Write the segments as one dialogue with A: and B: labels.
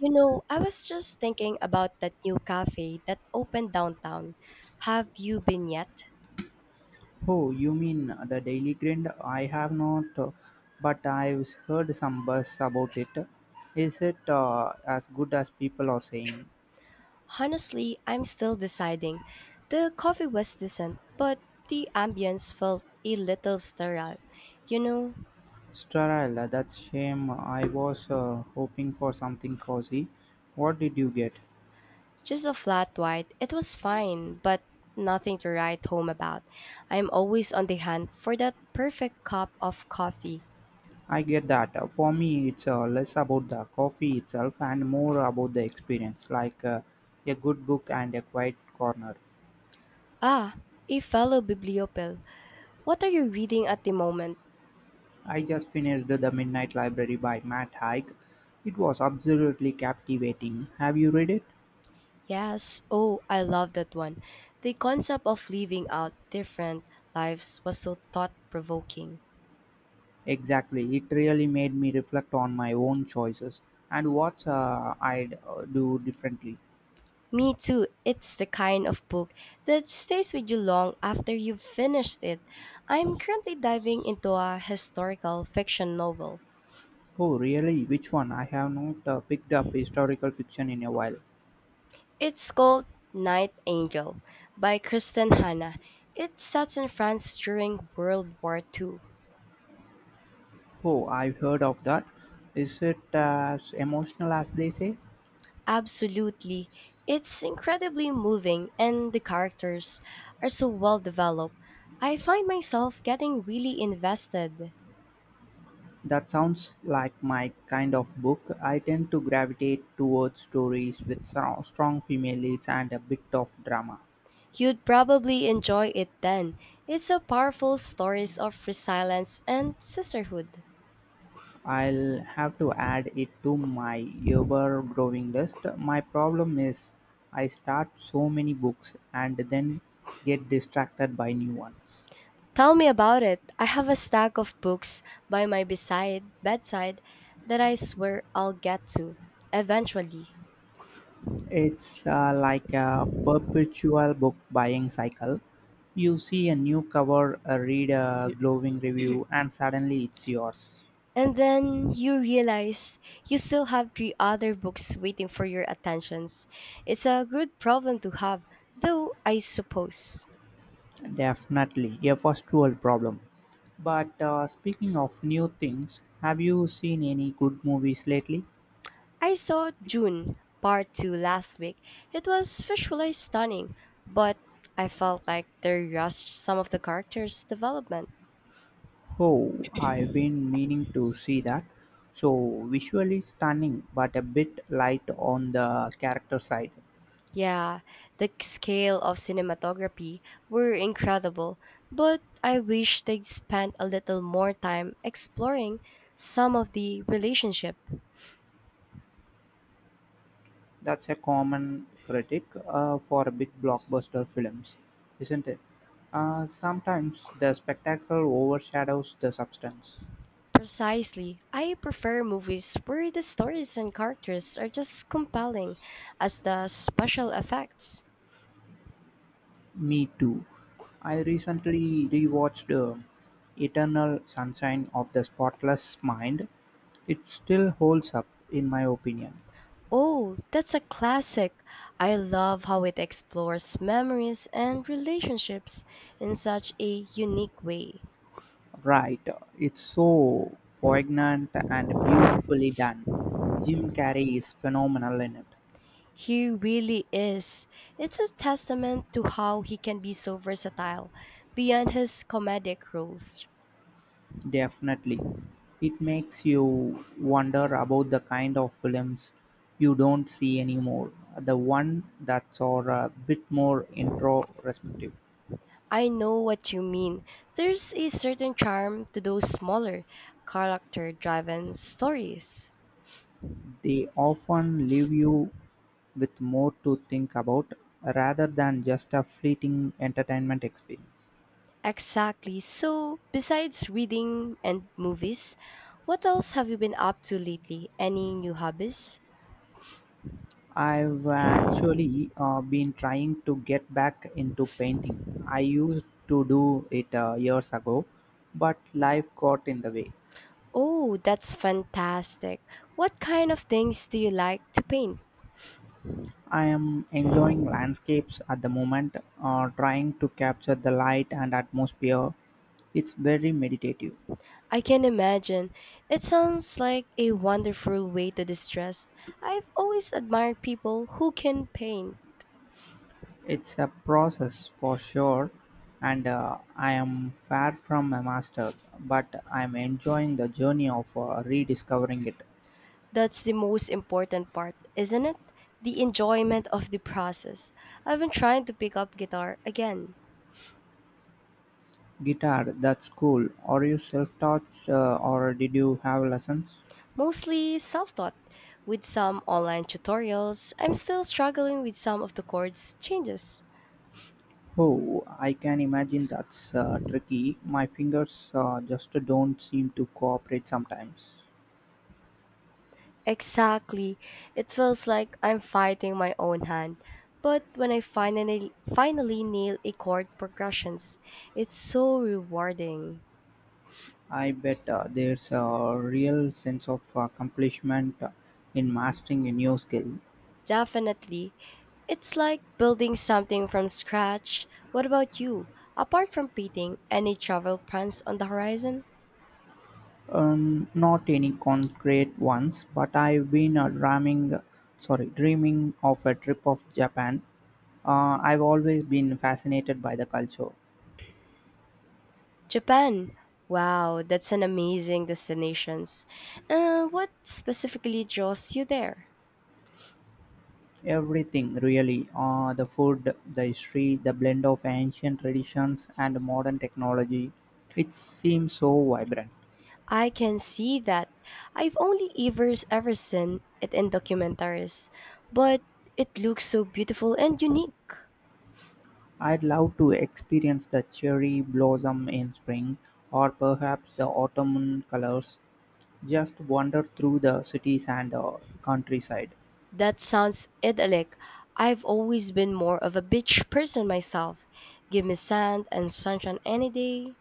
A: I was just thinking about that new cafe that opened downtown. Have you been yet?
B: Oh, you mean the Daily Grind? I have not. But I've heard some buzz about it. Is it as good as people are saying?
A: Honestly, I'm still deciding. The coffee was decent, but the ambience felt a little sterile. You know,
B: Sterile, that's shame. I was hoping for something cozy. What did you get?
A: just a flat white. It was fine, but nothing to write home about. I'm always on the hunt for that perfect cup of coffee.
B: I get that. For me, it's less about the coffee itself and more about the experience, like a good book and a quiet corner.
A: Ah, a fellow bibliophile. What are you reading at the moment?
B: I just finished The Midnight Library by Matt Haig. It was absolutely captivating. Have you read it?
A: Yes, oh, I love that one. The concept of living out different lives was so thought provoking.
B: Exactly. It really made me reflect on my own choices and what I'd do differently.
A: Me too, it's the kind of book that stays with you long after you've finished it. I'm currently diving into a historical fiction novel.
B: Oh, really? Which one? I have not picked up historical fiction in a while.
A: It's called Night Angel by Kristen Hanna. It's set in France during World War Two.
B: Oh, I've heard of that. Is it as emotional as they say?
A: Absolutely. It's incredibly moving and the characters are so well developed. I find myself getting really invested.
B: That sounds like my kind of book. I tend to gravitate towards stories with strong female leads and a bit of drama.
A: You'd probably enjoy it then. It's a powerful stories of resilience and sisterhood.
B: I'll have to add it to my ever growing list. My problem is I start so many books and then get distracted by new ones.
A: Tell me about it. I have a stack of books by my beside bedside that I swear I'll get to eventually.
B: It's like a perpetual book buying cycle. You see a new cover, read a glowing review, and suddenly it's yours.
A: And then you realize you still have three other books waiting for your attentions. It's a good problem to have, though, I suppose.
B: Definitely a first world problem. But speaking of new things, have you seen any good movies lately?
A: I saw June Part 2 last week. It was visually stunning, but I felt like they rushed some of the characters' development.
B: Oh, I've been meaning to see that. So visually stunning, but a bit light on the character side.
A: Yeah, the scale of cinematography were incredible, but I wish they'd spent a little more time exploring some of the relationship.
B: That's a common critic for big blockbuster films, isn't it? Sometimes the spectacle overshadows the substance.
A: Precisely. I prefer movies where the stories and characters are just compelling as the special effects.
B: Me too. I recently rewatched Eternal Sunshine of the Spotless Mind. It still holds up, in my opinion.
A: Oh, that's a classic. I love how it explores memories and relationships in such a unique way.
B: Right, it's so poignant and beautifully done. Jim Carrey is phenomenal in it,
A: He really is. It's a testament to how he can be so versatile beyond his comedic roles.
B: definitely. It makes you wonder about the kind of films you don't see anymore, the one that's are a bit more introspective.
A: I know what you mean. There's a certain charm to those smaller, character driven stories.
B: They often leave you with more to think about rather than just a fleeting entertainment experience.
A: Exactly. So, besides reading and movies, what else have you been up to lately? Any new hobbies?
B: I've actually been trying to get back into painting. I used to do it years ago, but life got in the way.
A: Oh, that's fantastic. What kind of things do you like to paint?
B: I am enjoying landscapes at the moment, trying to capture the light and atmosphere. It's very meditative.
A: I can imagine. It sounds like a wonderful way to distress. I've always admired people who can paint.
B: It's a process for sure, and I am far from a master, but I'm enjoying the journey of rediscovering it.
A: That's the most important part, isn't it? The enjoyment of the process. I've been trying to pick up guitar again,
B: Guitar, that's cool. Are you self-taught or did you have lessons?
A: mostly self taught, with some online tutorials. I'm still struggling with some of the chords changes.
B: Oh, I can imagine that's tricky. My fingers just don't seem to cooperate sometimes.
A: Exactly. It feels like I'm fighting my own hand. But when I finally nail a chord progressions, it's so rewarding.
B: I bet there's a real sense of accomplishment in mastering a new skill.
A: Definitely. It's like building something from scratch. What about you? Apart from painting, any travel plans on the horizon?
B: Not any concrete ones, but I've been dreaming of a trip of Japan. I've always been fascinated by the culture.
A: Japan. Wow, that's an amazing destination. What specifically draws you there?
B: Everything, really the food, the history, the blend of ancient traditions and modern technology. It seems so vibrant.
A: I can see that. I've only ever seen it in documentaries, but it looks so beautiful and unique.
B: I'd love to experience the cherry blossom in spring or perhaps the autumn colors. Just wander through the cities and countryside.
A: That sounds idyllic. I've always been more of a beach person myself. Give me sand and sunshine any day.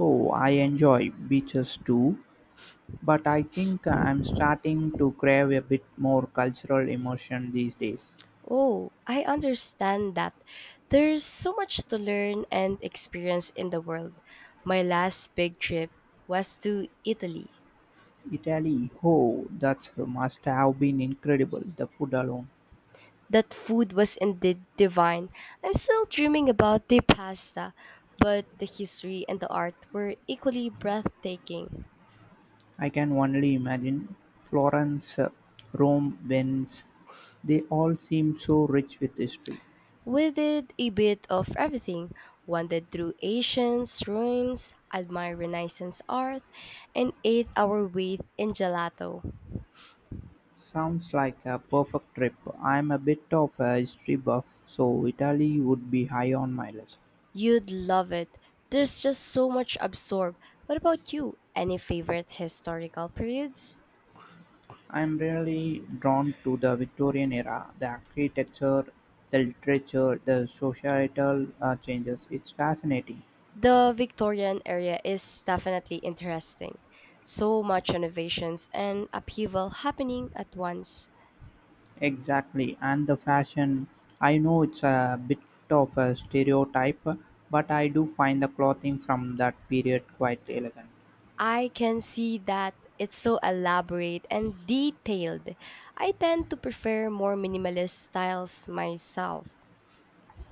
B: Oh, I enjoy beaches too, but I think I'm starting to crave a bit more cultural immersion these days.
A: Oh, I understand that. There's so much to learn and experience in the world. My last big trip was to Italy.
B: Italy, oh, that must have been incredible, the food alone.
A: That food was indeed divine. I'm still dreaming about the pasta, but the history and the art were equally breathtaking.
B: I can only imagine Florence, Rome, Venice. They all seem so rich with history.
A: We did a bit of everything, wandered through ancient ruins, admired Renaissance art, and ate our weight in gelato.
B: Sounds like a perfect trip. I'm a bit of a history buff, so Italy would be high on my list.
A: You'd love it. There's just so much absorbed. What about you? Any favorite historical periods?
B: I'm really drawn to the Victorian era, the architecture, the literature, the societal changes. It's fascinating.
A: The Victorian era is definitely interesting. So much innovations and upheaval happening at once.
B: Exactly, and the fashion. I know it's a bit of a stereotype, but I do find the clothing from that period quite elegant.
A: I can see that it's so elaborate and detailed. I tend to prefer more minimalist styles myself.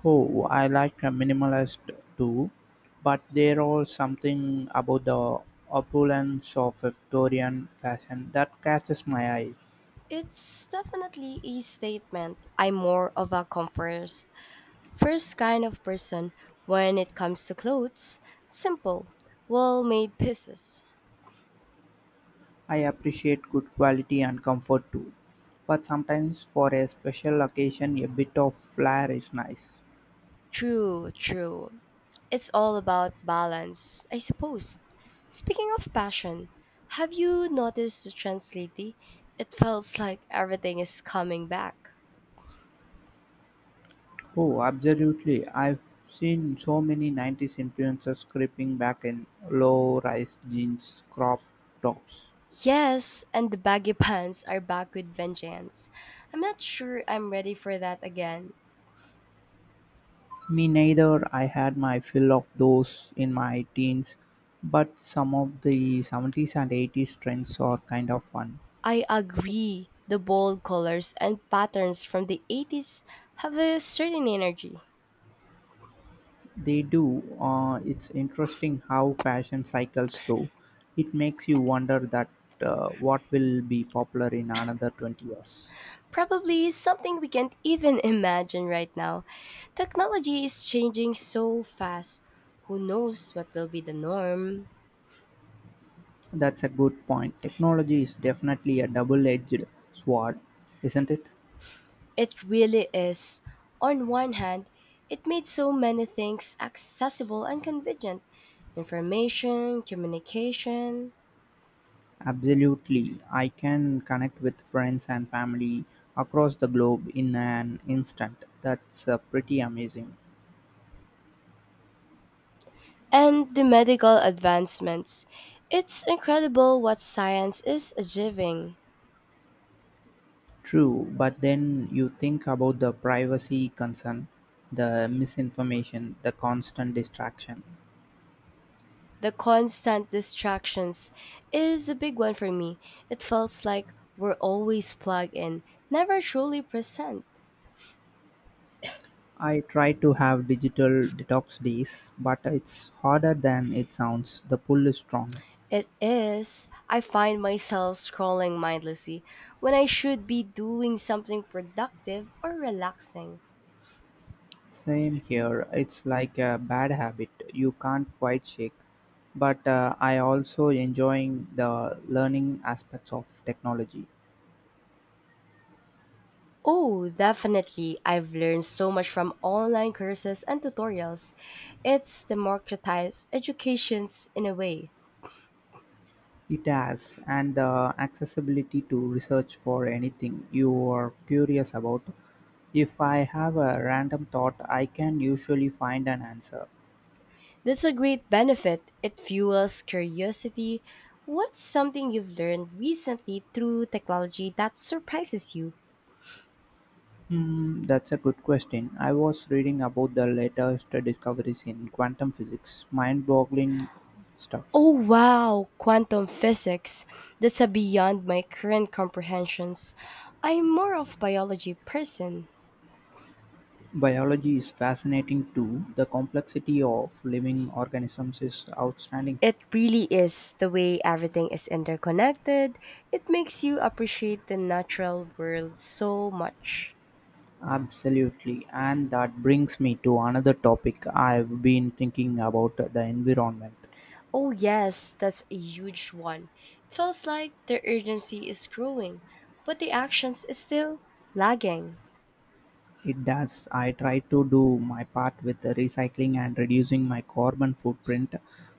B: Oh, I like a minimalist too, but there are something about the opulence of Victorian fashion that catches my eye.
A: It's definitely a statement. I'm more of a comfort first kind of person when it comes to clothes. Simple, well made pieces.
B: I appreciate good quality and comfort too, but sometimes for a special occasion, a bit of flair is nice.
A: True, true. It's all about balance, I suppose. Speaking of passion, have you noticed the trends lately? It feels like everything is coming back.
B: Oh, absolutely. I've seen so many 90s influencers creeping back in low rise jeans, crop tops.
A: Yes, and the baggy pants are back with vengeance. I'm not sure I'm ready for that again.
B: Me neither. I had my fill of those in my teens, but some of the 70s and 80s trends are kind of fun.
A: I agree. The bold colors and patterns from the 80s have a certain energy.
B: They do. It's interesting how fashion cycles through. It makes you wonder that what will be popular in another 20 years.
A: Probably something we can't even imagine right now. Technology is changing so fast. Who knows what will be the norm?
B: That's a good point. Technology is definitely a double edged sword, isn't it?
A: It really is. On one hand, it made so many things accessible and convenient information, communication,
B: Absolutely. I can connect with friends and family across the globe in an instant. That's pretty amazing.
A: and the medical advancements. It's incredible what science is achieving.
B: True, but then you think about the privacy concern, the misinformation, the constant distraction.
A: The constant distractions is a big one for me. It feels like we're always plugged in, never truly present.
B: I try to have digital detox days, but it's harder than it sounds. The pull is strong.
A: It is. I find myself scrolling mindlessly when I should be doing something productive or relaxing.
B: Same here. It's like a bad habit you can't quite shake. But I also enjoying the learning aspects of technology.
A: Oh, definitely. I've learned so much from online courses and tutorials. It's democratized educations in a way.
B: It has and the accessibility to research for anything you are curious about. If I have a random thought, I can usually find an answer.
A: That's a great benefit. It fuels curiosity. What's something you've learned recently through technology that surprises you?
B: Hmm, that's a good question. I was reading about the latest discoveries in quantum physics. Mind-boggling stuff.
A: Oh wow, quantum physics. That's a beyond my current comprehensions. I'm more of biology person.
B: Biology is fascinating too. The complexity of living organisms is outstanding.
A: It really is the way everything is interconnected. It makes you appreciate the natural world so much.
B: Absolutely. And that brings me to another topic I've been thinking about the environment.
A: Oh yes, that's a huge one. Feels like the urgency is growing, but the actions is still lagging.
B: It does. I try to do my part with the recycling and reducing my carbon footprint,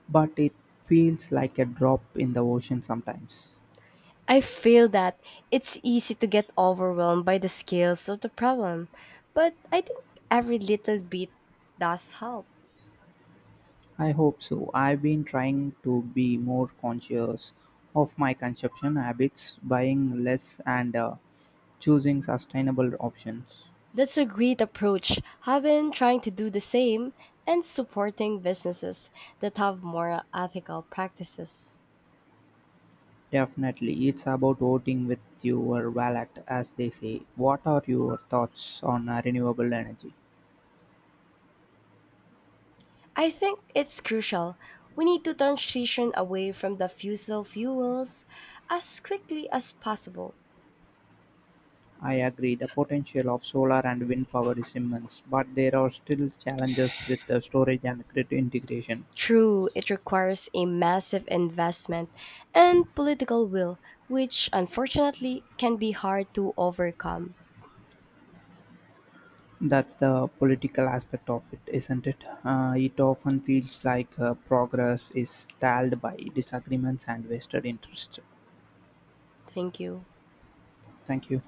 B: but it feels like a drop in the ocean sometimes.
A: I feel that it's easy to get overwhelmed by the scales of the problem, but I think every little bit does help.
B: I hope so. I've been trying to be more conscious of my consumption habits, buying less and choosing sustainable options.
A: That's a great approach. I've been trying to do the same and supporting businesses that have more ethical practices.
B: Definitely, it's about voting with your wallet, as they say. What are your thoughts on renewable energy?
A: I think it's crucial. We need to transition away from the fossil fuels as quickly as possible.
B: I agree, the potential of solar and wind power is immense, but there are still challenges with the storage and grid integration.
A: True, it requires a massive investment and political will, which unfortunately can be hard to overcome.
B: That's the political aspect of it, isn't it? It often feels like progress is stalled by disagreements and vested interests.
A: Thank you.
B: Thank you.